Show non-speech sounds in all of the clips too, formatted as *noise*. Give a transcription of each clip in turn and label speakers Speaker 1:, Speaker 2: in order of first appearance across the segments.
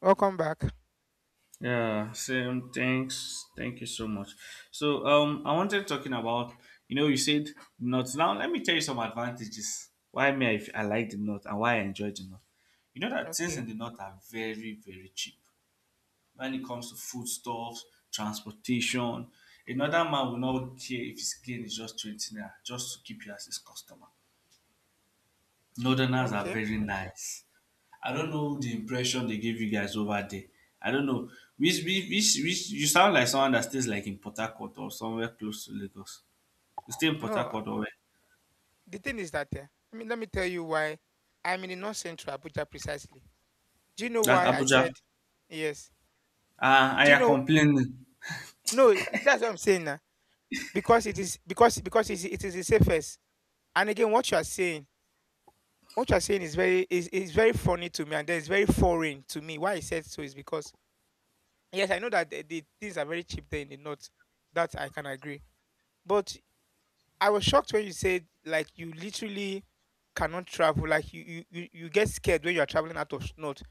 Speaker 1: Welcome back.
Speaker 2: Yeah, same. Thanks. Thank you so much. I wanted talking about, you said nuts. Now, let me tell you some advantages. Why me I like the not and why I enjoy the not. You know that things in
Speaker 1: Okay,
Speaker 2: the north are very, very cheap when it comes to foodstuffs, transportation. Another man will not care if his gain is just 20 naira just to keep you as his customer. Northerners are
Speaker 1: okay.
Speaker 2: very nice. I don't know the impression they gave you guys over there. I don't know. Which, you sound like someone that stays like in Port Harcourt or somewhere close to Lagos. You stay in Port
Speaker 1: No,
Speaker 2: Harcourt or where?
Speaker 1: the thing is that let me tell you why I'm in the North Central Abuja precisely. Do you know
Speaker 2: That
Speaker 1: why I
Speaker 2: Abuja.
Speaker 1: said yes?
Speaker 2: Ah,
Speaker 1: Do
Speaker 2: I
Speaker 1: you
Speaker 2: are
Speaker 1: know?
Speaker 2: complaining.
Speaker 1: No, that's what I'm saying now. Because it is because it is the safest. And again, what you are saying, what you are saying is very funny to me, and then it's very foreign to me. Why I said so is because yes, I know that the things are very cheap there in the north. That I can agree. But I was shocked when you said like you literally cannot travel. Like you get scared when you are traveling out of note,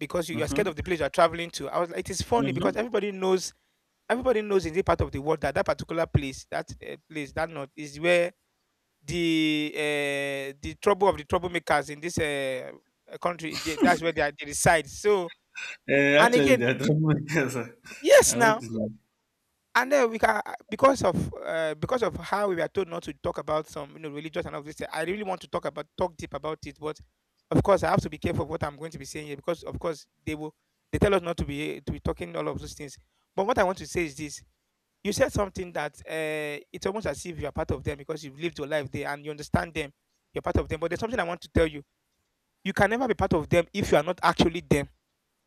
Speaker 1: because you are scared
Speaker 2: Mm-hmm.
Speaker 1: of the place you are traveling to. I was like, it is funny because
Speaker 2: Mm-hmm.
Speaker 1: everybody knows in this part of the world that that particular place, that place that note, is where the trouble of the troublemakers in this country, that's where they reside. So,
Speaker 2: Uh,
Speaker 1: and
Speaker 2: actually,
Speaker 1: again,
Speaker 2: that *laughs* yes, sir.
Speaker 1: yes,
Speaker 2: I want
Speaker 1: now.
Speaker 2: to deny.
Speaker 1: And then we can Because of, because of how we were told not to talk about some, you know, religious and all this, I really want to talk about talk deep about it, but of course I have to be careful of what I'm going to be saying here, because of course they tell us not to be talking all of those things. But what I want to say is this: you said something that it's almost as if you are part of them because you've lived your life there and you understand them. You're part of them, but there's something I want to tell you: you can never be part of them if you are not actually them.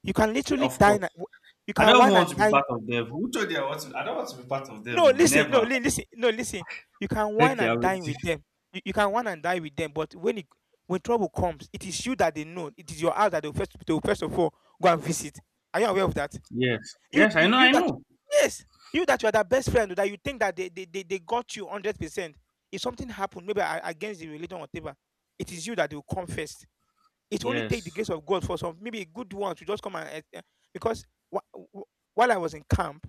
Speaker 1: You can literally
Speaker 2: Of
Speaker 1: dine.
Speaker 2: course.
Speaker 1: You
Speaker 2: I
Speaker 1: can
Speaker 2: don't even
Speaker 1: wine
Speaker 2: want
Speaker 1: and
Speaker 2: to be
Speaker 1: dine.
Speaker 2: part of them. Who told you I want to? I don't want to be part of
Speaker 1: No,
Speaker 2: them. Oh,
Speaker 1: listen, no,
Speaker 2: never.
Speaker 1: listen, no, listen. You can wine
Speaker 2: Okay, I
Speaker 1: and
Speaker 2: will
Speaker 1: dine
Speaker 2: see.
Speaker 1: with them. You can wine and dine with them, but when trouble comes, it is you that they know. It is your house that they will first of all go and visit. Are you aware of that?
Speaker 2: Yes.
Speaker 1: You
Speaker 2: Yes, I know,
Speaker 1: you
Speaker 2: I
Speaker 1: that
Speaker 2: know.
Speaker 1: Yes, you are their best friend that you think that they got you 100%. If something happened, maybe against the religion or whatever, it is you that they will come first. It only take the
Speaker 2: Yes.
Speaker 1: grace of God for some maybe good ones to just come and, because wh- wh- while I was in camp,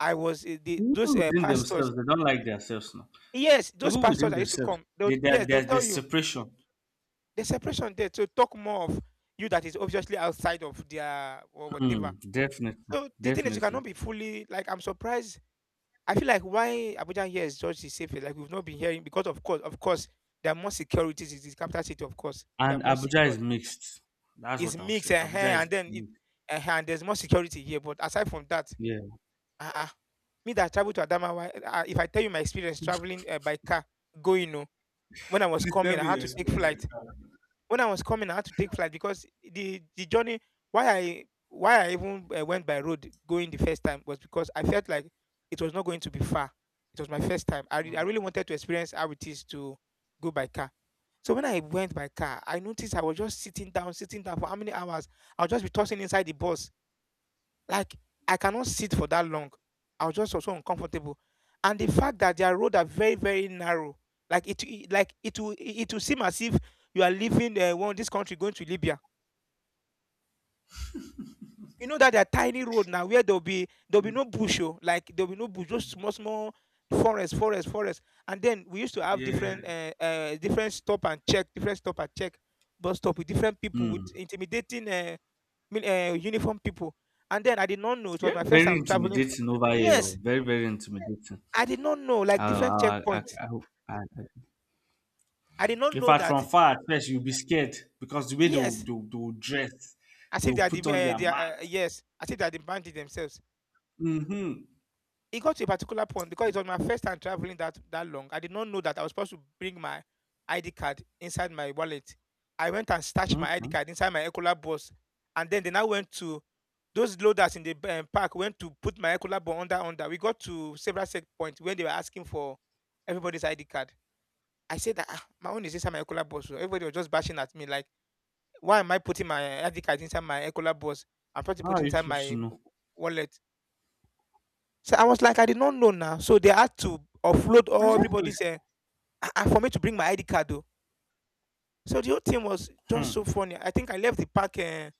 Speaker 1: I was, those
Speaker 2: Even within
Speaker 1: pastors.
Speaker 2: themselves, they don't like themselves now.
Speaker 1: Yes, those
Speaker 2: Even
Speaker 1: pastors
Speaker 2: within
Speaker 1: that used to
Speaker 2: themselves,
Speaker 1: come, they'll
Speaker 2: they, there,
Speaker 1: yes, they'll
Speaker 2: there,
Speaker 1: tell
Speaker 2: there's
Speaker 1: you
Speaker 2: separation.
Speaker 1: the separation there, to talk more of you that is obviously outside of their or whatever.
Speaker 2: Hmm, definitely,
Speaker 1: So the thing is, you cannot
Speaker 2: definitely.
Speaker 1: be fully. Like, I'm surprised. I feel like why Abuja here is just the safest. Like, we've not been hearing, because of course, there are more securities. It is capital city, of course. They are
Speaker 2: And
Speaker 1: more
Speaker 2: Abuja
Speaker 1: secure.
Speaker 2: is mixed. That's
Speaker 1: It's
Speaker 2: what I'll
Speaker 1: mixed,
Speaker 2: say.
Speaker 1: and
Speaker 2: Abuja
Speaker 1: and
Speaker 2: is
Speaker 1: then, it
Speaker 2: mixed.
Speaker 1: uh-huh, and there's more security here. But aside from that,
Speaker 2: Yeah.
Speaker 1: uh-uh. Me that travel to Adamawa, if I tell you my experience traveling by car, going, when I was
Speaker 2: Please tell
Speaker 1: coming, I
Speaker 2: me
Speaker 1: had
Speaker 2: your
Speaker 1: to take
Speaker 2: experience
Speaker 1: flight.
Speaker 2: like
Speaker 1: When I was coming, I had to take flight because the journey, why I even went by road going the first time was because I felt like it was not going to be far. It was my first time. I,
Speaker 2: that.
Speaker 1: re- I
Speaker 2: Mm.
Speaker 1: really wanted to experience how it is to go by car. So when I went by car, I noticed I was just sitting down for how many hours? I'll just be tossing inside the bus like, I cannot sit for that long. I was just also uncomfortable. And the fact that their road are very, very narrow, like it will seem as if you are leaving, one this country, going to Libya. You know that there are tiny road now, where there'll be no bush, oh, like there'll be no bush, just small, small forest, forest, forest. And then we used to have
Speaker 2: Yeah.
Speaker 1: different stop and check, different stop and check, bus stop, with different people with
Speaker 2: Hmm.
Speaker 1: intimidating, uniform people. And then I did not know, it was
Speaker 2: Yeah,
Speaker 1: my first
Speaker 2: very
Speaker 1: time traveling.
Speaker 2: intimidating over here. Oh,
Speaker 1: Yes,
Speaker 2: very, very intimidating.
Speaker 1: I did not know, like,
Speaker 2: I,
Speaker 1: different
Speaker 2: I, I,
Speaker 1: checkpoints.
Speaker 2: I, I, I-
Speaker 1: I did not
Speaker 2: in
Speaker 1: know
Speaker 2: fact,
Speaker 1: that.
Speaker 2: from far at first, you'll be scared because the way they'll,
Speaker 1: Yes,
Speaker 2: they'll, they'll dress,
Speaker 1: as if
Speaker 2: they'll
Speaker 1: they are the,
Speaker 2: put on their
Speaker 1: they are,
Speaker 2: mask.
Speaker 1: yes, as if they are the bandits themselves.
Speaker 2: Mm-hmm.
Speaker 1: It got to a particular point, because it was my first time traveling that that long. I did not know that I was supposed to bring my ID card inside my wallet. I went and stashed my ID
Speaker 2: Hmm.
Speaker 1: card inside my Ecola bus, and then they now went to, those loaders in the park went to put my Ecola bus under. We got to several checkpoints when they were asking for everybody's ID card. I said that, ah, my own is inside my Ecola bus. So everybody was just bashing at me like, why am I putting my ID card inside my Ecola bus? I'm trying to
Speaker 2: How
Speaker 1: put it
Speaker 2: are you
Speaker 1: inside
Speaker 2: supposed
Speaker 1: my
Speaker 2: to know?
Speaker 1: wallet. So I was like, I did not know now. So they had to offload all
Speaker 2: Exactly.
Speaker 1: everybody's, for me to bring my ID card, though. So the whole thing was
Speaker 2: Hmm.
Speaker 1: just so funny. I think I left the park. Uh,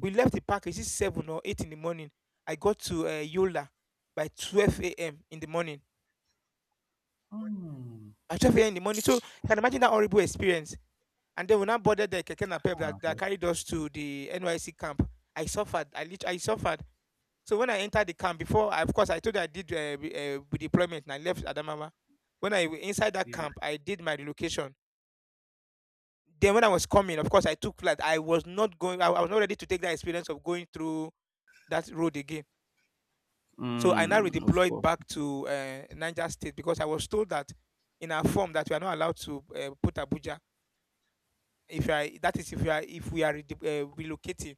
Speaker 1: we left the park. Is it 7 or 8 in the morning? I got to, Yola by 12 a.m. in the morning.
Speaker 2: Mm.
Speaker 1: At 12 a.m. in the morning. So you can imagine that horrible experience. And then when I boarded the Keke Napep
Speaker 2: Ah,
Speaker 1: that
Speaker 2: okay.
Speaker 1: carried us to the NYC camp, I suffered. I lit. I suffered. So when I entered the camp, before, I, of course, I told you I did, deployment, and I left Adamawa. When I inside that camp, I did my relocation. Then when I was coming, of course, I took flight. I was not going. I was not ready to take that experience of going through that road again. So I now
Speaker 2: Mm, of
Speaker 1: redeployed
Speaker 2: course.
Speaker 1: back to, Niger State, because I was told that in our form that we are not allowed to, put Abuja. If you are, that is, if we are relocating,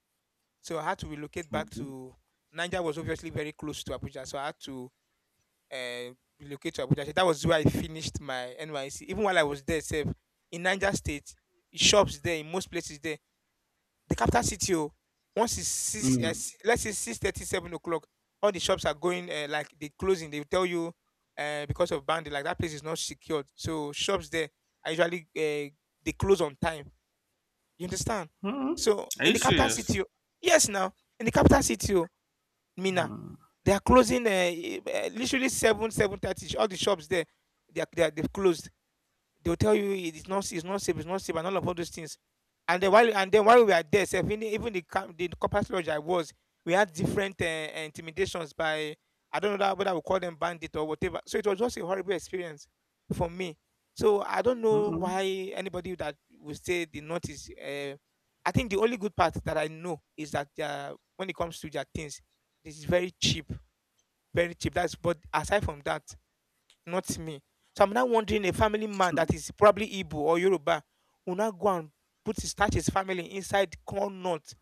Speaker 1: so I had to relocate back
Speaker 2: Okay.
Speaker 1: to Niger. Was obviously very close to Abuja, so I had to, uh, relocate to Abuja. So that was where I finished my NYC. Even while I was there, sef, in Niger State, shops there, in most places there, the capital city, oh, once it's six,
Speaker 2: Mm.
Speaker 1: let's say 6:30, 7 o'clock, all the shops are going, like they closing. They will tell you, because of bandit, like that place is not secured. So shops there are usually, they close on time. You understand?
Speaker 2: Mm.
Speaker 1: So
Speaker 2: Are
Speaker 1: in
Speaker 2: you
Speaker 1: the capital
Speaker 2: serious?
Speaker 1: city, oh, yes, now, in the capital city, oh, Mina, they are closing, literally 7:30. All the shops there, they've closed. They'll tell you, it's not safe, and all those things. And then while we are there, sef, even the camp, the corporate lodge I was, we had different intimidations by, I don't know that, whether we call them bandit or whatever. So it was just a horrible experience for me. So I don't know why
Speaker 2: Mm-mm.
Speaker 1: anybody that would say the north is. I think the only good part that I know is that, when it comes to their things, this is very cheap, very cheap. That's But aside from that, not me. So I'm now wondering, a family man that is probably Igbo or Yoruba will now go and put his start his family inside corn nut.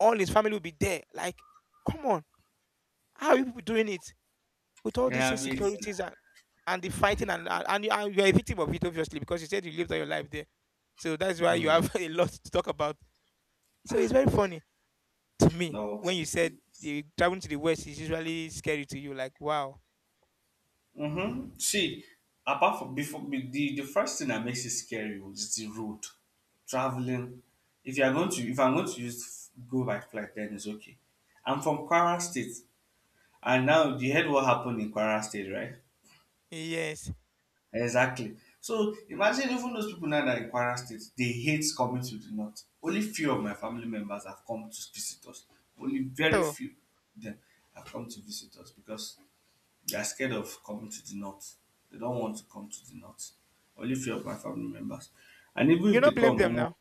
Speaker 1: All his family will be there. Like, come on, how are you people doing it with all these
Speaker 2: Yeah, wait.
Speaker 1: insecurities and the fighting and you're a victim of it obviously, because you said you lived all your life there. So that's why you have *laughs* a lot to talk about. So it's very funny to me
Speaker 2: No.
Speaker 1: when you
Speaker 2: See,
Speaker 1: said the traveling to the west is usually scary to you. Like, wow,
Speaker 2: mm-hmm. See, apart from the first thing that makes it scary is the road. Traveling. If you are going to If I'm going to use go by flight, then it's okay. I'm from Kwara State. And now you heard what happened in Kwara State, right?
Speaker 1: yes.
Speaker 2: Exactly. So imagine even those people now that are in Kwara State, they hate coming to the north. Only few of my family members have come to visit us. Only very
Speaker 1: So
Speaker 2: few of them have come to visit us because they are scared of coming to the north. They don't want to come to the north. Only few of my family members. And even
Speaker 1: you
Speaker 2: if they
Speaker 1: don't blame
Speaker 2: come,
Speaker 1: them
Speaker 2: omo,
Speaker 1: now.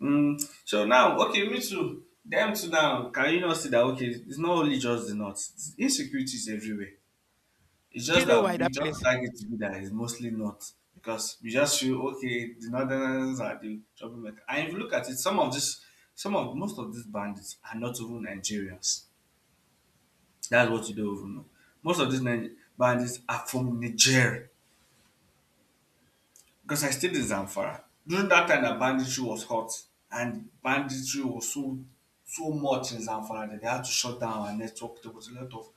Speaker 2: mm, so now, okay, me too. Them too now, can you not see that, okay, it's not only just the north. Insecurity is everywhere. It's
Speaker 1: Do you
Speaker 2: just
Speaker 1: know why
Speaker 2: that we
Speaker 1: that
Speaker 2: just
Speaker 1: place?
Speaker 2: tag it to be that it's mostly not because we just feel okay, the northerners are the troublemaker. And if you look at it, some of most of these bandits are not even Nigerians. That's what you don't even know. Most of these Ni- bandits are from Niger because I stayed in Zamfara during that time. That banditry was hot and banditry was so much in Zamfara that they had to shut down our network. There was a lot of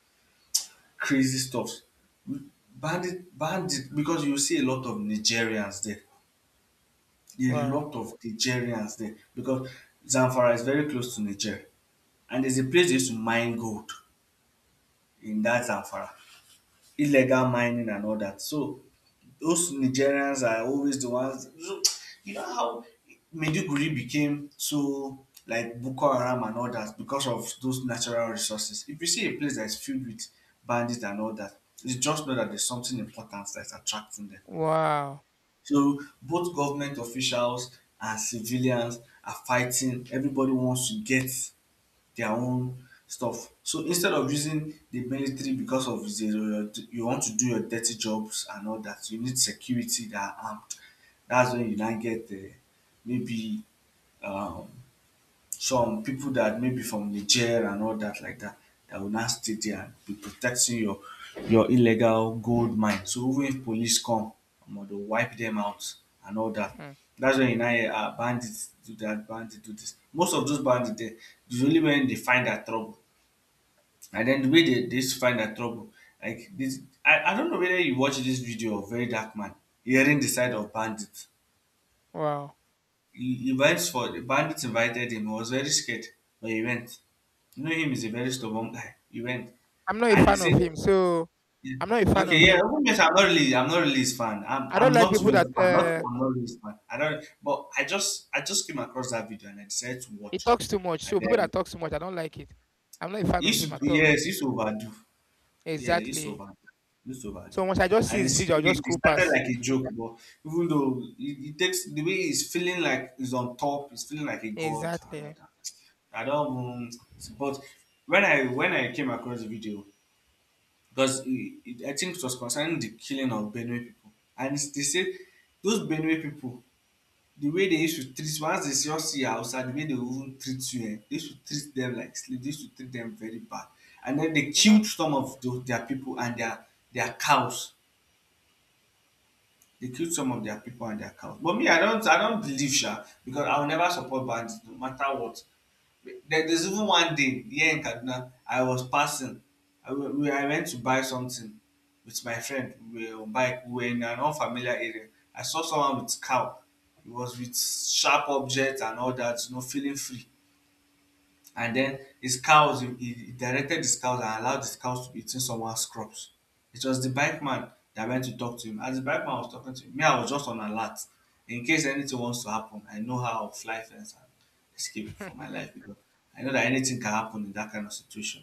Speaker 2: crazy stuff. Bandit, bandit, because you see a lot of Nigerians there. A
Speaker 1: Wow.
Speaker 2: lot of Nigerians there because Zamfara is very close to Niger, and there's a place they used to mine gold in that Zamfara, illegal mining and all that. So those Nigerians are always the ones. So, you know how Maiduguri became so like Boko Haram and all that because of those natural resources. If you see a place that is filled with bandits and all that, you just know that there's something important that's attracting them.
Speaker 1: Wow.
Speaker 2: So both government officials and civilians are fighting. Everybody wants to get their own stuff. So instead of using the military because of the, you want to do your dirty jobs and all that, you need security that are armed. That's when you now get maybe um, some people that maybe from Niger and all that like that that will now stay there and be protecting your illegal gold mine. So even if police come, omo dey wipe them out and all that.
Speaker 1: Hmm.
Speaker 2: That's when you now hear bandit do that, bandit do this. Most of those bandits dem is only when they find that trouble and then de way they dey use find that trouble like this, I don't know whether you watch this video of Very Dark Man hearing the side of bandits.
Speaker 1: Wow.
Speaker 2: He invites for the bandits invited him. He was very scared, but he went. You know him is a very stubborn guy. He went,
Speaker 1: I'm not a
Speaker 2: and he
Speaker 1: fan of
Speaker 2: said,
Speaker 1: him, so
Speaker 2: yeah.
Speaker 1: I'm not a fan of
Speaker 2: "Okay, yeah,
Speaker 1: him.
Speaker 2: even if I'm not really his fan.
Speaker 1: I
Speaker 2: I'm
Speaker 1: don't like
Speaker 2: not
Speaker 1: people
Speaker 2: even his
Speaker 1: that
Speaker 2: fan. Not, I'm not really his fan. I am not even a fan not I am not really his fan I do not But I just came across that video and I decided to
Speaker 1: he
Speaker 2: watch.
Speaker 1: talks too much.
Speaker 2: And
Speaker 1: So people
Speaker 2: then
Speaker 1: that talk too much, I don't like it. I'm not a fan
Speaker 2: he
Speaker 1: of
Speaker 2: used
Speaker 1: him
Speaker 2: to,
Speaker 1: at
Speaker 2: do-
Speaker 1: all.
Speaker 2: yes, he used to overdo. Yeah, he used to
Speaker 1: Exactly.
Speaker 2: overdo. He used to overdo.
Speaker 1: So once I just see
Speaker 2: And it
Speaker 1: his
Speaker 2: seems
Speaker 1: video, I'll just
Speaker 2: it
Speaker 1: scroll
Speaker 2: started
Speaker 1: past.
Speaker 2: like a joke, but even though it takes the way he's feeling like he's on top, he's feeling like a god and all
Speaker 1: Exactly.
Speaker 2: that. I don't but when I came across the video, because I think it was concerning the killing of Benue people, and it's- they said those Benue people the way they used to treat once they just see us you outside the way they even treat you eh they used to treat them like slave they used to treat them very bad and then they
Speaker 1: You
Speaker 2: killed
Speaker 1: know
Speaker 2: some of their people and their cows they killed some of their people and their cows but me I don't believe sha because I will never support bandits no matter what there's even one day here in Kaduna, I was passing. I went to buy something with my friend. We were on bike. We were in an unfamiliar area. I saw someone with cow. He was with sharp objects and all that, you know, feeling free and then he directed his cows and allowed his cows to be eating someone's crops it was the bike man that went to talk to him as the bike man was talking to him me I was just on alert in case anything wants to happen I know how I will fly fence and escape for my life
Speaker 1: *laughs*
Speaker 2: because I know that anything can happen in that kind of situation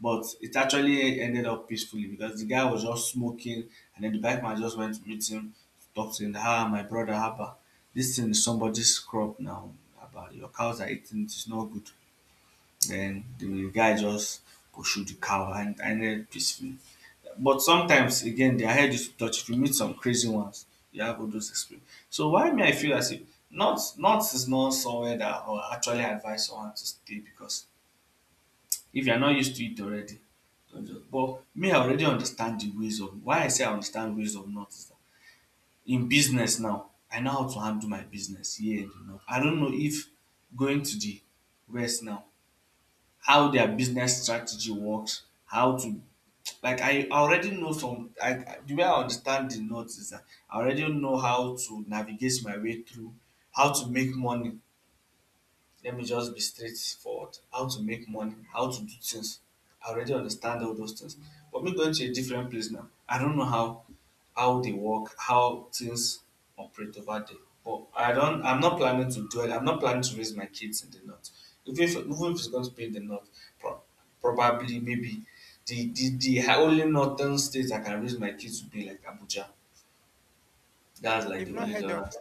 Speaker 2: but it actually ended up peacefully because the guy was just smoking and then the bike man just went to meet him to talk to him ah my brother haba this thing is somebody's crop now haba your cows are eating it is not good then the guy just go shoot the cow and ended peacefully. But sometimes again their head is to touch. If you meet some crazy ones, you have all those experience. So why me I feel as if north is not somewhere that I will actually advise someone to stay because if you are not used to it already, don't just but me I already understand the ways of why I say I understand ways of north is that in business now, I know how to handle my business here in the north. I don't know if going to the west now how their business strategy works, how to like I already know some I- the way I understand the notes is that I already know how to navigate my way through, how to make money let me just be straightforward. How to make money, how to do things. I already understand all those things. But me going to a different place now, I don't know how they work, how things operate over there. But I'm not planning to do it. I'm not planning to raise my kids in the north. Even if it's going to be in the north, pro- probably maybe the only northern state I can raise my kids would be like Abuja. That's like
Speaker 1: you've
Speaker 2: the
Speaker 1: not
Speaker 2: only
Speaker 1: heard
Speaker 2: northern
Speaker 1: of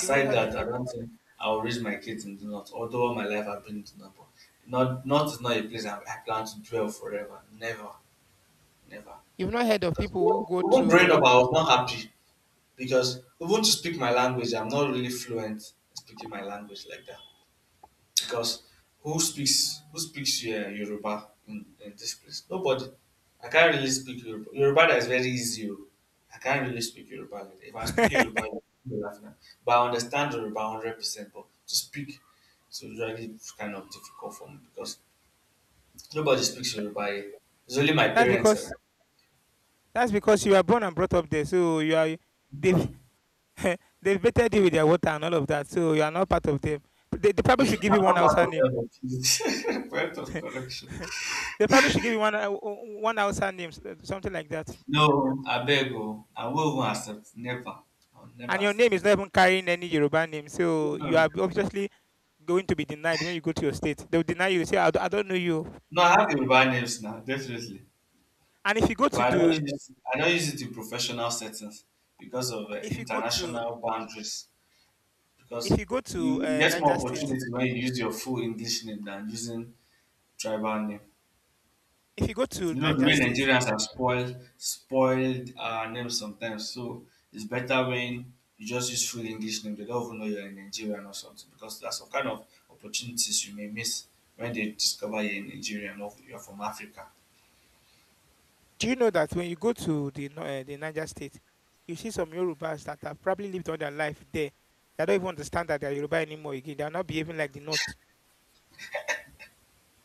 Speaker 1: you've not heard of
Speaker 2: that, I don't
Speaker 1: people.
Speaker 2: think I'll raise my kids in the north. Although all my life I've been in the north, but not, north is not a place I plan to dwell forever. Never, never.
Speaker 1: You've not heard of
Speaker 2: Because
Speaker 1: people who go
Speaker 2: even growing up,
Speaker 1: to
Speaker 2: I was not happy because even to speak my language, I'm not really fluent in speaking my language like that because who speaks Yoruba in this place? Nobody. I can't really speak Yoruba. Yoruba that is very easy. Oh, I can't really speak Yoruba like that. If I'm
Speaker 1: *laughs*
Speaker 2: speaking Yoruba,
Speaker 1: Th-
Speaker 2: you'll be laughing at- but I understand Yoruba 100%. But to speak, it's usually kind of difficult for me because nobody speaks Yoruba here. It's only my
Speaker 1: that's
Speaker 2: parents.
Speaker 1: because you are born and brought up there. So you are they've *laughs* They've baited you with their water and all of that, so you are not part of them. But they probably should give you
Speaker 2: I'm
Speaker 1: one
Speaker 2: not part
Speaker 1: Hausa name.
Speaker 2: of them. *laughs* Point of correction.
Speaker 1: *laughs* They probably should give you one one Hausa name, something like that.
Speaker 2: No, I beg. Oh. I will not accept. Never. I'll never
Speaker 1: And your name is
Speaker 2: accept.
Speaker 1: not even carrying any Yoruba name, so you are obviously going to be denied when you go to your state. They'll deny you. Say, I don't know you.
Speaker 2: No, I have Yoruba names now, definitely.
Speaker 1: And if you go to
Speaker 2: But
Speaker 1: the,
Speaker 2: I don't use it in professional settings because of
Speaker 1: if you go to,
Speaker 2: international boundaries.
Speaker 1: if
Speaker 2: Because
Speaker 1: you go
Speaker 2: you
Speaker 1: to
Speaker 2: you get more
Speaker 1: Niger State.
Speaker 2: opportunity when you use your full English name than using tribal name.
Speaker 1: If you go to
Speaker 2: You know the
Speaker 1: Niger
Speaker 2: way
Speaker 1: State,
Speaker 2: Nigerians are spoiled names sometimes. So it's better when you just use full English name. They don't even know you're a Nigerian or something because that's some kind of opportunities you may miss when they discover you're a Nigerian or you're from Africa.
Speaker 1: do you know that when you go to the the Niger State, you see some Yorubas that have probably lived all their life there that don't even understand that they're Yoruba anymore again. They're not behaving like the North.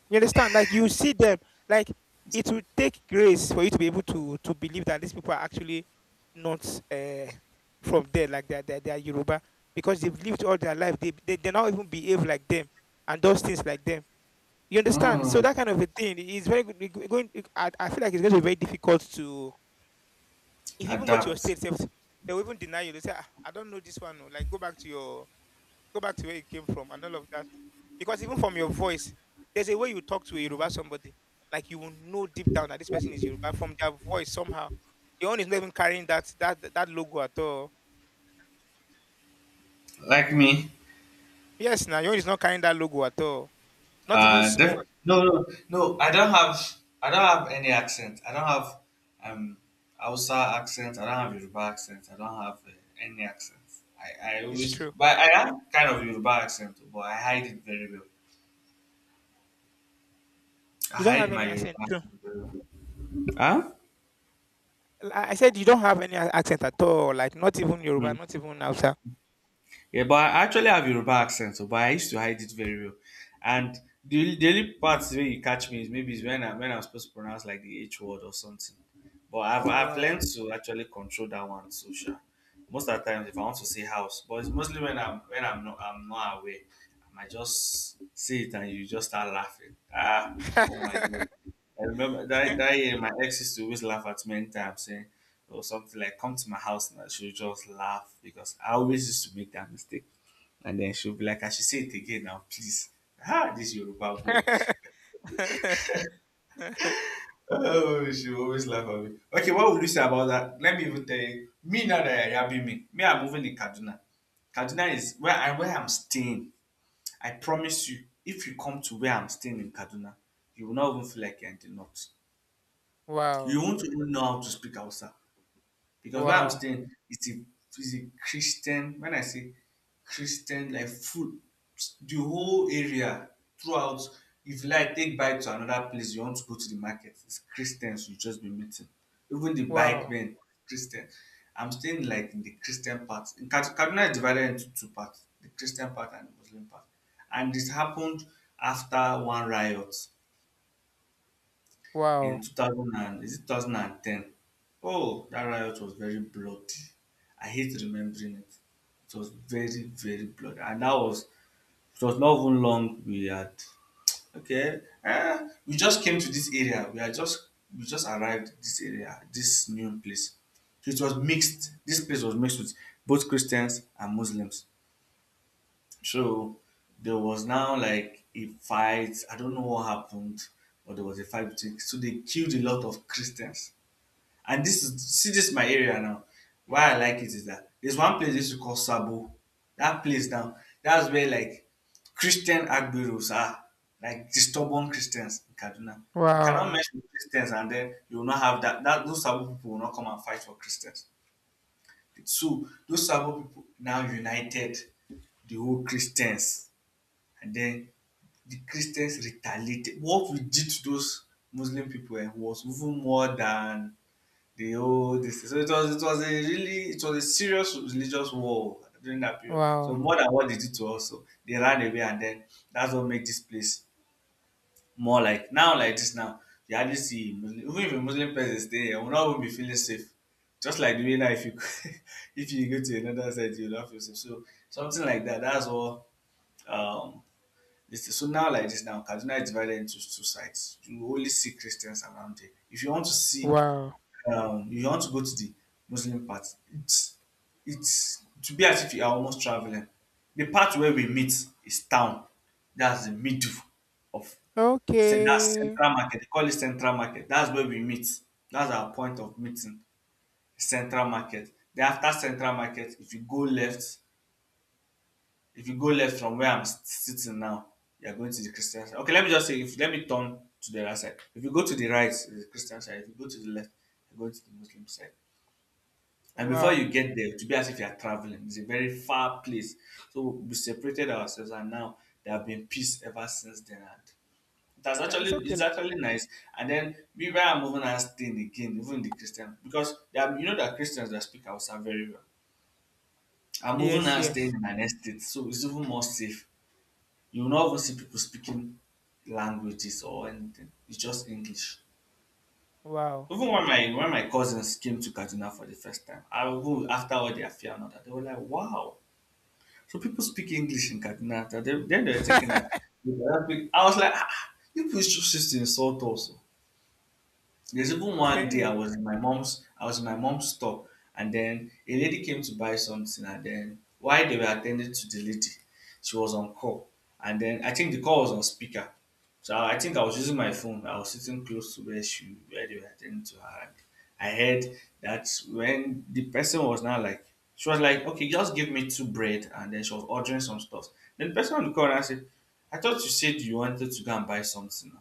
Speaker 1: You understand? Like you see them, like it will take grace for you to be able to believe that these people are actually not uh, from there, like they're Yoruba, because they've lived all their life. They now even behave like them and does things like them. You understand? So
Speaker 2: Hmm.
Speaker 1: that kind of a thing is very good. I feel like it's going to be very difficult to, if you even go to your
Speaker 2: Adapt.
Speaker 1: state, sef, they will even deny you. They say, "Ah, I don't know this one. Oh, like, go back to your go back to where you came from" and all of that. Because even from your voice, there's a way you talk to a Yoruba somebody. Like you will know deep down that this person is Yoruba from their voice somehow. Your own is not even carrying that logo at all.
Speaker 2: Like me,
Speaker 1: Yes, now your own is not carrying that logo at all. Not even
Speaker 2: uh, def-
Speaker 1: small.
Speaker 2: No, no, no. I don't have. I don't have any accent. I don't have um Hausa accent. I don't have Yoruba accent. I don't have any accent. I
Speaker 1: It's
Speaker 2: always,
Speaker 1: true.
Speaker 2: but I have kind of Yoruba accent, but I hide it very well. I
Speaker 1: You don't have
Speaker 2: hide my
Speaker 1: any
Speaker 2: Yoruba
Speaker 1: accent. True.
Speaker 2: accent very well. Huh?
Speaker 1: I said you don't have any accent at all. Like not even Yoruba, not even Hausa.
Speaker 2: Yeah, but I actually have Yoruba accent, so but I used to hide it very well. And the only part where you catch me is maybe is when I'm supposed to pronounce like the H word or something. But I've
Speaker 1: Oh
Speaker 2: I've
Speaker 1: wow.
Speaker 2: learned to actually control that one social. Most of the times if I want to say house, but it's mostly when I'm not aware. I might just say it and you just start laughing. Ah, oh my god. I remember that year my ex used to always laugh at me anytime I'm saying or something like come to my house and she'll just laugh because I always used to make that mistake. And then she'll be like, I should say it again now, please. Ah, this Yoruba boy. *laughs*
Speaker 1: *laughs*
Speaker 2: Oh, she always laugh at me. Okay, what would you say about that? Let me even tell you. Me now that I are yabbing me, I'm moving in Kaduna. Kaduna is where I'm staying. I promise you, if you come to where I'm staying in Kaduna, you will not even feel like you're in the north. You
Speaker 1: Wow.
Speaker 2: won't even know how to speak Hausa, because where I'm
Speaker 1: Wow.
Speaker 2: staying it's a Christian. When I say Christian, like full, the whole area, throughout, if you like take bike to another place, you want to go to the market, it's Christians you just be meeting, even the bike
Speaker 1: Wow.
Speaker 2: men, Christian. I'm staying like in the Christian part in Kaduna is divided into two parts, the Christian part and the Muslim part, and this happened after one riot
Speaker 1: Wow.
Speaker 2: in 2000, and is it 2010? Oh, that riot was very bloody. I hate remembering it. It was very, very bloody, and that was, it was not even long we had, okay, we just came to this area, we are just, we just arrived this area, this new place. So it was mixed, this place was mixed with both Christians and Muslims. So there was now like a fight, I don't know what happened, but there was a fight between, so they killed a lot of Christians. And this is, see, this is my area now. Why I like it is that there's one place they used to call Sabo. That place now, that's where like Christian Agberos are, like the stubborn Christians in Kaduna. You cannot
Speaker 1: Wow.
Speaker 2: mess with Christians and then you will not have that. That those Sabo people will not come and fight for Christians. So those Sabo people now united the whole Christians, and then the Christians retaliated. What we did to those Muslim people was even more than the whole this thing. So it was, it was a really, it was a serious religious war during that period, so
Speaker 1: Wow.
Speaker 2: more than what they did to us, so they ran away, and then that's what made this place more like now, like this now. You hardly see Muslim, even if a Muslim person stay here, we not even be feeling safe, just like the way now if you *laughs* if you go to another side you will not feel safe. So something like that, that's what um this thing. So now like this now, Kaduna is divided into two sides. You only see Christians around here. If you want to see
Speaker 1: Wow.
Speaker 2: you want to go to the Muslim part, It's it's to be as if you are almost traveling. The part where we meet is town. That's the middle of, so that's
Speaker 1: Okay.
Speaker 2: central market. They call it central market. That's where we meet. That's our point of meeting. Central market. Then after central market, if you go left, if you go left from where I'm sitting now, you're going to the Christian side. Okay, let me just say, if, let me turn to the right side. If you go to the right, it's the Christian side. If you go to the left, you go to the Muslim side. And before you
Speaker 1: Wow.
Speaker 2: get there, to be as if you are traveling, it's a very far place. So we separated ourselves, and now there have been peace ever since then. And that's
Speaker 1: Yeah,
Speaker 2: actually
Speaker 1: it's okay.
Speaker 2: it's actually nice. And then we were moving and staying again, even the Christian, because there are, you know that Christians that speak Hausa very well. I'm moving
Speaker 1: Yes,
Speaker 2: and
Speaker 1: yes.
Speaker 2: staying in an estate, so it's even more safe. You will not even see people speaking languages or anything. It's just English.
Speaker 1: Wow.
Speaker 2: Even when my cousins came to Kaduna for the first time, I, even after all their fear and all that, they were like, "Wow. So people speak English in Katina." Then, they were thinking that
Speaker 1: *laughs*
Speaker 2: they were I was like, ah, you people just used to insult us. There's even one day I was in my mom's I was in my mom's store, and then a lady came to buy something, and then while they were attending to the lady, she was on call. And then I think the call was on speaker. So I think I was using my phone. I was sitting close to where they were attending to her. And I heard that when the person was now like, she was like, okay, just give me two bread, and then she was ordering some stuff. Then the person on the corner said, I thought you said you wanted to go and buy something,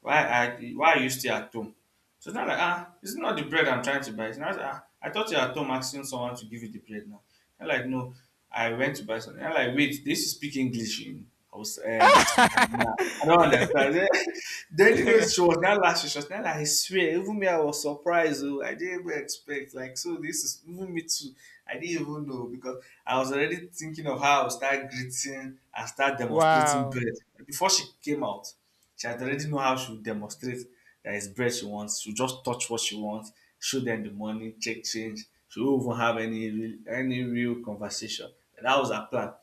Speaker 1: Mm.
Speaker 2: why are you still at home? So it's not like, ah, it's not the bread I'm trying to buy. It's not, ah, I thought you're at home asking someone to give you the bread now. I'm like no, I went to buy something. I'm like wait, this is speak English in I was in Kaduna. I don't
Speaker 1: *laughs*
Speaker 2: understand. *laughs* Then you know she was not last she was not like, I swear even me I was surprised. Oh, I didn't even expect, like so this is even me too. I didn't even know, because I was already thinking of how I would start greeting and start demonstrating
Speaker 1: Wow.
Speaker 2: bread before she came out. She had already know how she would demonstrate that it's bread she wants. She'll just touch what she wants, show them the money, check change. She won't even have any any real conversation. And that was her plan.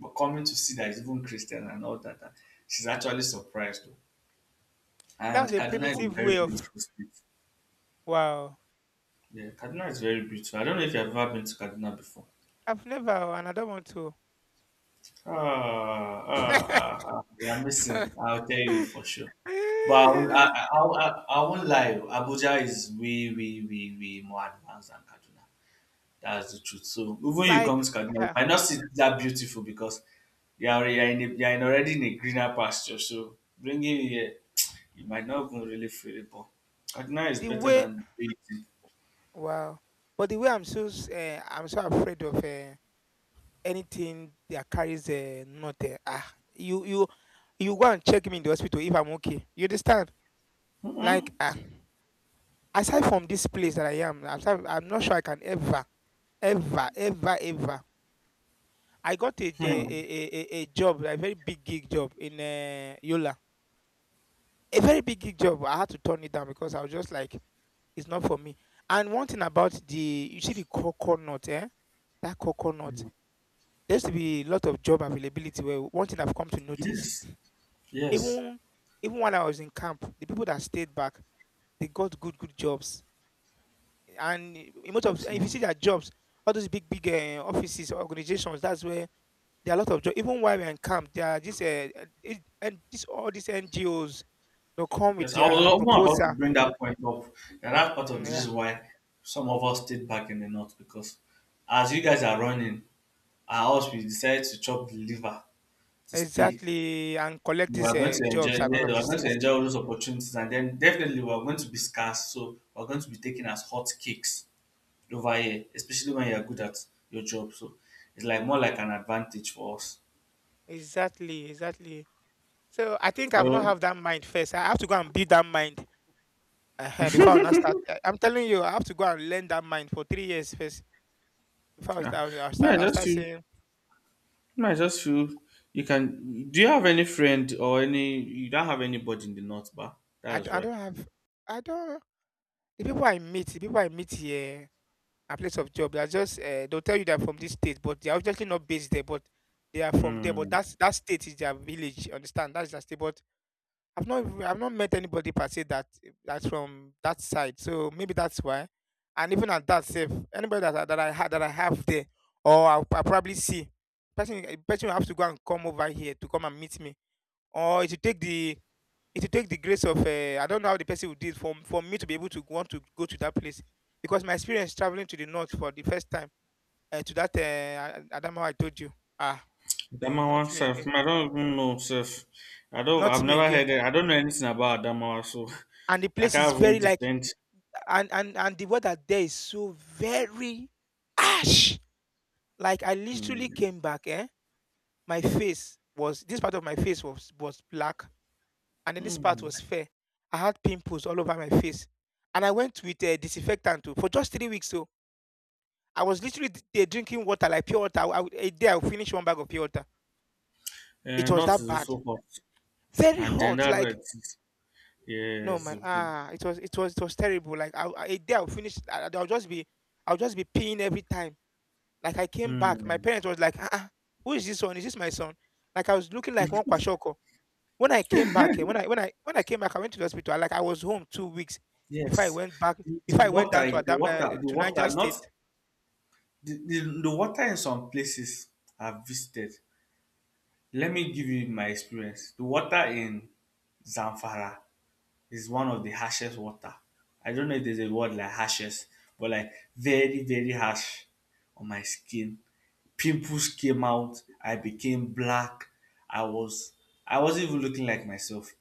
Speaker 2: But coming to see that it's even Christian and all that, she's actually surprised. Though.
Speaker 1: That
Speaker 2: And
Speaker 1: was a
Speaker 2: Kaduna is a
Speaker 1: primitive
Speaker 2: very
Speaker 1: way of
Speaker 2: beautiful state.
Speaker 1: wow.
Speaker 2: Yeah, Kaduna is very beautiful. I don't know if you've ever been to Kaduna before.
Speaker 1: I've never and I don't want to.
Speaker 2: Ah, ah, ah, ah, I'm missing. I'll tell you for
Speaker 1: *laughs*
Speaker 2: sure. But I won't lie. Abuja is way, way, way, way more advanced than Kaduna. That's the truth. So even you
Speaker 1: Like
Speaker 2: come to Kaduna, you
Speaker 1: uh,
Speaker 2: might not see it that beautiful because you are in already in a greener pasture. So bringing you here, you might not even really feel it. But Kaduna is
Speaker 1: the
Speaker 2: better
Speaker 1: way
Speaker 2: than the way it is.
Speaker 1: wow. But the way I'm so I'm so afraid of anything that carries not ah you you you go and check me in the hospital if I'm okay. You understand?
Speaker 2: Mm-mm.
Speaker 1: Like, aside from this place that I am, aside, I'm not sure I can ever, ever, ever, ever. I got
Speaker 2: Hmm.
Speaker 1: a job, a very big gig job in Yola. A very big gig job. I had to turn it down because I was just like, it's not for me. And one thing about the, you see the coconut, eh? That coconut. There used to be a lot of job availability. Where one thing I've come to notice,
Speaker 2: Yes. Yes.
Speaker 1: even even when I was in camp, the people that stayed back, they got good good jobs and in most of if you
Speaker 2: So.
Speaker 1: see their jobs, all those big big offices, organizations, that's where there are a lot of jobs. Even while we're in camp, there are just and this all these NGOs they come with
Speaker 2: Yes, I
Speaker 1: their
Speaker 2: was more about to
Speaker 1: proposal.
Speaker 2: bring that point up. And that's part
Speaker 1: Mm,
Speaker 2: of, this
Speaker 1: yeah,
Speaker 2: is why some of us stayed back in the north because as you guys are running, our us we decided to chop the liver to stay.
Speaker 1: exactly, and collect
Speaker 2: We
Speaker 1: these
Speaker 2: are going to enjoy,
Speaker 1: jobs and all
Speaker 2: yeah, we
Speaker 1: of
Speaker 2: are
Speaker 1: these
Speaker 2: going to
Speaker 1: things.
Speaker 2: enjoy all those opportunities, and then definitely we are going to be scarce. So we're going to be taken as hot cakes over here, especially when you're good at your job. So it's like more like an advantage for us.
Speaker 1: Exactly, exactly. So I think I've not
Speaker 2: So
Speaker 1: have that mind first. I have to go and build that mind before I now start. I'm telling you, I have to go and learn that mind for 3 years first before I
Speaker 2: yeah,
Speaker 1: start. I'll
Speaker 2: me I
Speaker 1: start. I'll
Speaker 2: just
Speaker 1: start
Speaker 2: feel,
Speaker 1: saying
Speaker 2: no, I just feel you can. Do you have any friend or any? You don't have anybody in the north, bar. That's
Speaker 1: I
Speaker 2: why.
Speaker 1: don't have. I don't. The people I meet here at place of job, they are just they'll tell you they're from this state, but they're obviously not based there, but they are from there. But
Speaker 2: Hmm.
Speaker 1: that's that state is their village. You understand? That's their state. But I've not met anybody per se that that's from that side. So maybe that's why. And even at that safe, anybody that I have there, or I'll probably see person A person will have to go and come over here to come and meet me, or it will take the it will take the grace of I don't know how the person will do it for me to be able to want to go to that place because my experience traveling to the north for the first time to that Adamawa I told you ah, no,
Speaker 2: Adamawa
Speaker 1: not me
Speaker 2: self.
Speaker 1: again,
Speaker 2: I don't even know self. I don't.
Speaker 1: not
Speaker 2: I've
Speaker 1: me
Speaker 2: never
Speaker 1: again.
Speaker 2: heard. It. I don't know anything about Adamawa, so
Speaker 1: And the
Speaker 2: *laughs* I
Speaker 1: place is
Speaker 2: can't even
Speaker 1: very like
Speaker 2: defend.
Speaker 1: and the weather there is so very ash. Like I literally
Speaker 2: Hmm.
Speaker 1: came back, eh, my face was this part of my face was black, and then this part
Speaker 2: Hmm.
Speaker 1: was fair. I had pimples all over my face, and I went with disinfectant too for just 3 weeks. So I was literally there drinking water like pure water. I would- a day I would finish one bag of pure water. It was
Speaker 2: North
Speaker 1: that
Speaker 2: is
Speaker 1: bad.
Speaker 2: also hot,
Speaker 1: Very
Speaker 2: and then
Speaker 1: hot.
Speaker 2: that's why
Speaker 1: Like
Speaker 2: it is.
Speaker 1: no
Speaker 2: Yes.
Speaker 1: my ah, it was it was it was terrible. Like I a day I would finish. I'll just be peeing every time. Like I came back, my
Speaker 2: Hmm.
Speaker 1: parents was like, ah, ah, who is this one? Is this my son? Like I was looking like one kwashoko. When I came back, eh, when I came back, I went to the hospital. I, like I was home 2 weeks before I
Speaker 2: Yes.
Speaker 1: went back.
Speaker 2: The
Speaker 1: Before I went down
Speaker 2: water.
Speaker 1: to
Speaker 2: The
Speaker 1: Adam
Speaker 2: water. The
Speaker 1: to Niger
Speaker 2: water. Not
Speaker 1: State.
Speaker 2: the water in some places I've visited. Let me give you my experience. The water in Zamfara is one of the harshest water. I don't know if there's a word like harshest, but like very, very harsh on my skin. Pimples came out. I became black. I was I wasn't even looking like myself.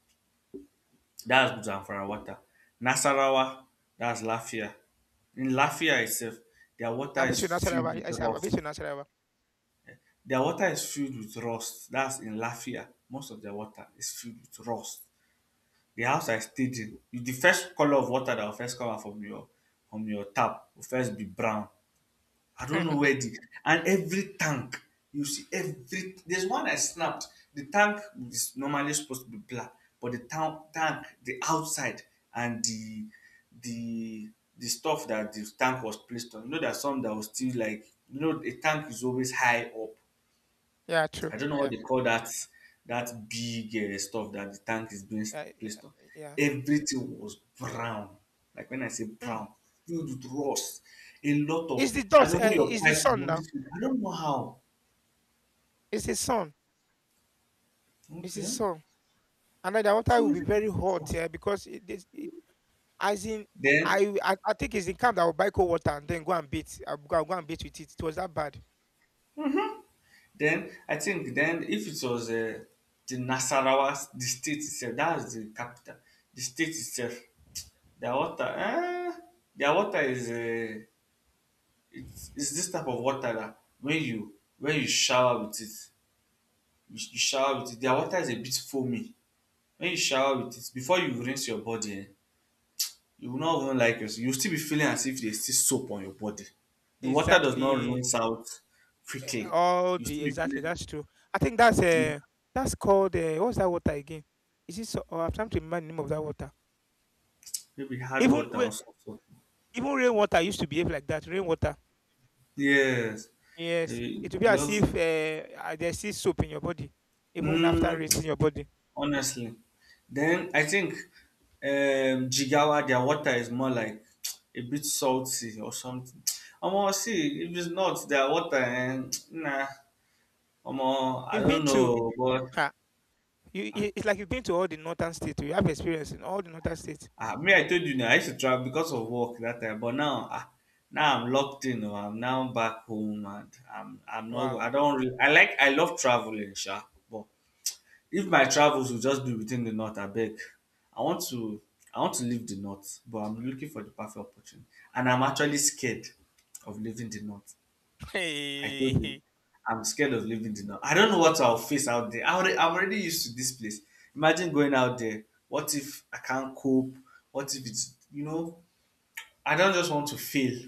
Speaker 2: That's Zamfara water. Nasarawa, that's Lafia. In Lafia itself, their water
Speaker 1: I've been to
Speaker 2: is filled
Speaker 1: Nasarawa.
Speaker 2: with
Speaker 1: Yes, I've been
Speaker 2: rust.
Speaker 1: to Nasarawa.
Speaker 2: Their water is filled with rust. That's in Lafia. Most of their water is filled with rust. The house I stayed in, if the first color of water that will first come out from your tap will first be brown. I don't know where
Speaker 1: *laughs*
Speaker 2: the and every tank you see every there's one I snapped. The tank is normally supposed to be black, but the tank, the outside and the the stuff that the tank was placed on. You know there's some that was still like, you know, a tank is always high up.
Speaker 1: Yeah, true.
Speaker 2: I don't know
Speaker 1: Yeah,
Speaker 2: what they call that, that big stuff that the tank is being
Speaker 1: yeah, yeah.
Speaker 2: placed on.
Speaker 1: Yeah.
Speaker 2: Everything was brown. Like when I say
Speaker 1: Hmm.
Speaker 2: brown, filled with rust. A lot
Speaker 1: It's
Speaker 2: of
Speaker 1: the
Speaker 2: and
Speaker 1: dot.
Speaker 2: over your
Speaker 1: It's the
Speaker 2: pipes is
Speaker 1: sun now.
Speaker 2: always filled. I don't know how.
Speaker 1: It's the sun. It's the
Speaker 2: Okay.
Speaker 1: sun. And then the water
Speaker 2: So
Speaker 1: will be very
Speaker 2: it's-
Speaker 1: hot
Speaker 2: rust.
Speaker 1: here because it as in
Speaker 2: then
Speaker 1: I, w- I think it's the camp that will buy cold water and then go and beat. I'll go and beat with it. It was that bad.
Speaker 2: then I think then if it was the Nasarawa, the state itself, that's the capital. The state itself, their water eh, their water is it's this type of water that when you shower with it, you shower with it, their water is a bit foamy. When you shower with it, before you rinse your body, eh, you will not even like yourself. You will still be feeling as if there is still soap on your body. The water does not
Speaker 1: Exactly.
Speaker 2: rinse out
Speaker 1: Eh,
Speaker 2: quickly.
Speaker 1: all
Speaker 2: You
Speaker 1: the
Speaker 2: still be
Speaker 1: exactly.
Speaker 2: feeling
Speaker 1: That's true. I think that's called what's that water again? Is it? So, oh, I'm trying to remember the name of that water.
Speaker 2: maybe hard
Speaker 1: Even
Speaker 2: water
Speaker 1: when
Speaker 2: or something.
Speaker 1: even rainwater used to behave like that. Rainwater.
Speaker 2: Yes.
Speaker 1: Yes.
Speaker 2: Eh,
Speaker 1: It will be as if
Speaker 2: just
Speaker 1: there's still soap in your body, even after
Speaker 2: mm,
Speaker 1: rinsing your body.
Speaker 2: honestly. Then I think Jigawa, their water is more like *tsk* a bit salty or something. Omo, see, if it's not their water, and *tsk* nah, omo, I
Speaker 1: You've been
Speaker 2: don't
Speaker 1: to,
Speaker 2: know. But
Speaker 1: ha, you- it's like you've been to all the northern states. You have experience in all the northern states.
Speaker 2: ah, me, I told you now, I used to travel because of work that time. But now, ah, now I'm locked in. Oh, I'm now back home, and I'm not.
Speaker 1: Wow.
Speaker 2: I
Speaker 1: *laughs*
Speaker 2: don't. Really, I like. I love traveling, sha. But if my travels will just be within the north, abeg. I want to I want to leave the north, but I'm looking for the perfect opportunity. And I'm actually scared of leaving the north. I told you,
Speaker 1: Hey.
Speaker 2: I'm scared
Speaker 1: Hmm.
Speaker 2: of leaving the north. I don't know what I'll face out there. I'm already used to this place. Imagine going out there. What if I can't cope? What if it's? I don't just want to fail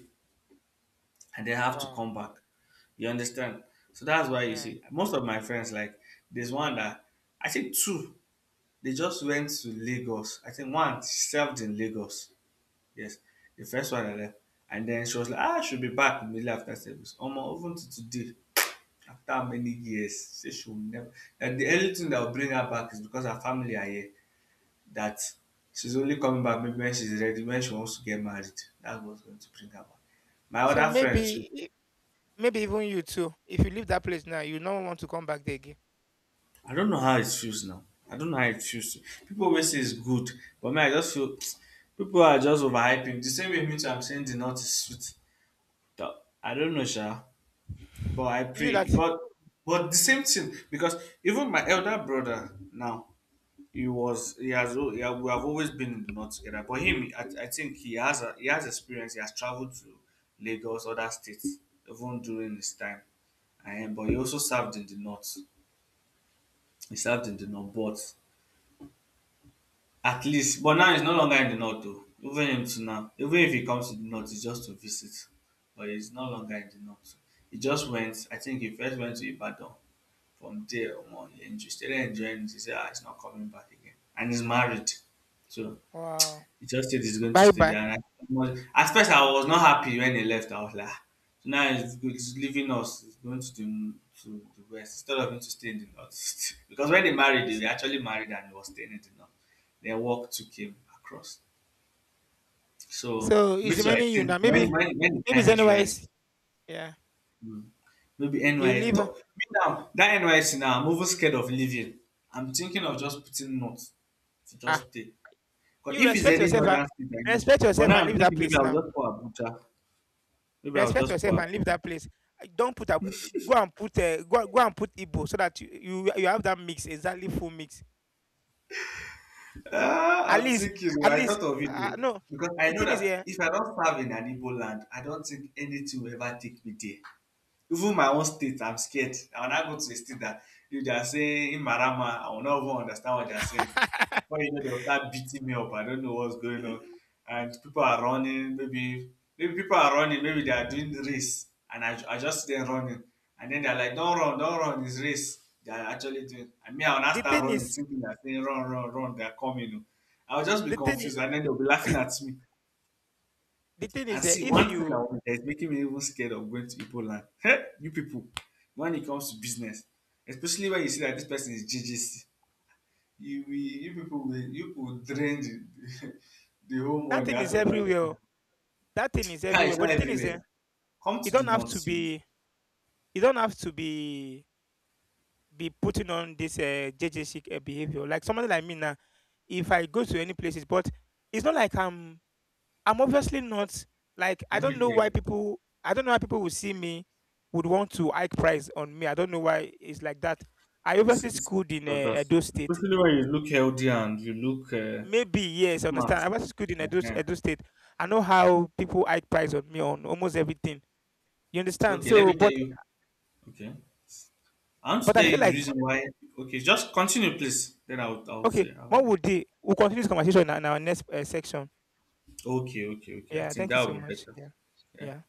Speaker 2: and then have to
Speaker 1: Wow.
Speaker 2: come back. You understand? So that's why you
Speaker 1: Yeah.
Speaker 2: see most of my friends like there's one that I think two. They just went to Lagos. I think one served in Lagos. Yes, the first one I left. And then she was like, ah, she'll be back immediately after service. Omo, even to today, after how many years, she say she will never. And the only thing that will bring her back is because her family are here. That she's only coming back maybe when she's ready, when she wants to get married. That's what's going to bring her back. My
Speaker 1: So
Speaker 2: other
Speaker 1: maybe,
Speaker 2: friends.
Speaker 1: maybe even you too. If you leave that place now, you don't want to come back there again.
Speaker 2: I don't know how it feels now. I don't know how it feels. People always say it's good, but me, I just feel *tsk* people are just overhyping. The same way me too, I'm saying the nut is sweet. But I don't know, Sha. But I
Speaker 1: You that.
Speaker 2: pray. But the same thing because even my elder brother now, he was he has al- he ha- we have always been in the north together. But him, I think he has a, he has experience. He has traveled to Lagos, other states, even during his time. And, but he also served in the north. He served in the north, but at least, but now he's no longer in the north though. Even him to now. Even if he comes to the north, it's just to visit. But he's no longer in the north. He just went, I think he first went to Ibadan. From there, omo, started enjoying it. He said, ah, he's not coming back again. And he's married. So
Speaker 1: Wow.
Speaker 2: he just said he's going to
Speaker 1: Bye
Speaker 2: stay
Speaker 1: bye.
Speaker 2: there. And I, was- at first, I was not happy when he left. I was like, "Ah." So now he's leaving us. He's going to to the west, instead of him to stay in the north. *laughs* Because when they married, they
Speaker 1: So,
Speaker 2: were actually married and he was staying in the north. Their work took him across. So,
Speaker 1: so
Speaker 2: me
Speaker 1: it's
Speaker 2: too, I
Speaker 1: remaining you now.
Speaker 2: think
Speaker 1: Maybe,
Speaker 2: when the
Speaker 1: maybe it's
Speaker 2: time is
Speaker 1: anywhere
Speaker 2: right,
Speaker 1: else. Yeah.
Speaker 2: mm, maybe
Speaker 1: You
Speaker 2: NY.
Speaker 1: leave.
Speaker 2: Talk,
Speaker 1: Ah.
Speaker 2: me now, that NYC now, I'm over scared of leaving. I'm thinking of just putting notes to
Speaker 1: Ah.
Speaker 2: just stay. 'Cause
Speaker 1: You
Speaker 2: if it's
Speaker 1: respect
Speaker 2: any
Speaker 1: yourself. Ah.
Speaker 2: northern state, I know.
Speaker 1: Respect
Speaker 2: But
Speaker 1: yourself
Speaker 2: now
Speaker 1: and
Speaker 2: I'm
Speaker 1: leave that
Speaker 2: thinking maybe
Speaker 1: place
Speaker 2: I'll
Speaker 1: now.
Speaker 2: just pour Abuja. Maybe I'll
Speaker 1: Respect
Speaker 2: just pour
Speaker 1: yourself and leave
Speaker 2: Abuja.
Speaker 1: that place. Don't put a, go and put go and put Igbo so that you you have that mix exactly full mix. At
Speaker 2: Ah, I'm
Speaker 1: least
Speaker 2: thinking. Oh,
Speaker 1: at
Speaker 2: I
Speaker 1: least
Speaker 2: thought of it though.
Speaker 1: no.
Speaker 2: Because I
Speaker 1: The
Speaker 2: know
Speaker 1: thing is
Speaker 2: that
Speaker 1: yeah.
Speaker 2: if I don't serve in an Igbo land, I don't think anything will ever take me there. Even my own state, I'm scared. I will not go to a state that if they are saying in Marama, I will not even understand what they are
Speaker 1: *laughs*
Speaker 2: saying. Before you know, they'll start beating me up. I don't know what's going on. And people are running. Maybe maybe people are running. Maybe they are doing race. And I just see them running. And then they're like, don't run, don't run. It's race. They are actually doing. And me, I will not
Speaker 1: the
Speaker 2: start
Speaker 1: thing
Speaker 2: running,
Speaker 1: is
Speaker 2: thinking they're saying, run, run, run. They're coming. I'll just be
Speaker 1: the thing
Speaker 2: confused. And then they'll be laughing at me.
Speaker 1: the thing is
Speaker 2: And see,
Speaker 1: if
Speaker 2: one thing
Speaker 1: you
Speaker 2: that that is making me even scared of going to Igbo land, hey, you people, when it comes to business, especially when you see that this person is GGC, you people will drain the, *laughs* the whole
Speaker 1: that
Speaker 2: money
Speaker 1: thing
Speaker 2: out
Speaker 1: is
Speaker 2: of that
Speaker 1: everywhere. Oh.
Speaker 2: person.
Speaker 1: That thing is
Speaker 2: Car
Speaker 1: everywhere.
Speaker 2: is not
Speaker 1: But the thing is
Speaker 2: everywhere. Come
Speaker 1: you
Speaker 2: to
Speaker 1: don't
Speaker 2: the
Speaker 1: have to
Speaker 2: north, you.
Speaker 1: be you don't have to be putting on this JJ chic behavior. Like somebody like me now, if I go to any places, but it's not like I'm obviously not like
Speaker 2: Let me tell you,
Speaker 1: I don't know why people will see me would want to hike price on me. I don't know why it's like that. I obviously
Speaker 2: it's
Speaker 1: schooled in
Speaker 2: about us.
Speaker 1: Edo State.
Speaker 2: Especially when you look healthy and you look
Speaker 1: Maybe yes, I understand.
Speaker 2: smart.
Speaker 1: I was schooled in Edo,
Speaker 2: Uh-huh.
Speaker 1: Edo State. I know how people hike price on me on almost everything. You understand?
Speaker 2: Okay, let
Speaker 1: So,
Speaker 2: me tell you. Okay, I want to
Speaker 1: but I
Speaker 2: tell
Speaker 1: feel
Speaker 2: you the
Speaker 1: like
Speaker 2: reason why. Okay, just continue, please. I'll
Speaker 1: okay.
Speaker 2: say. I will.
Speaker 1: What would they? We'll continue this conversation in our next section.
Speaker 2: Okay, okay, okay. I
Speaker 1: Yeah.
Speaker 2: think
Speaker 1: Thank you
Speaker 2: that
Speaker 1: so
Speaker 2: would be
Speaker 1: much.
Speaker 2: better.
Speaker 1: Yeah.
Speaker 2: Yeah.
Speaker 1: Yeah.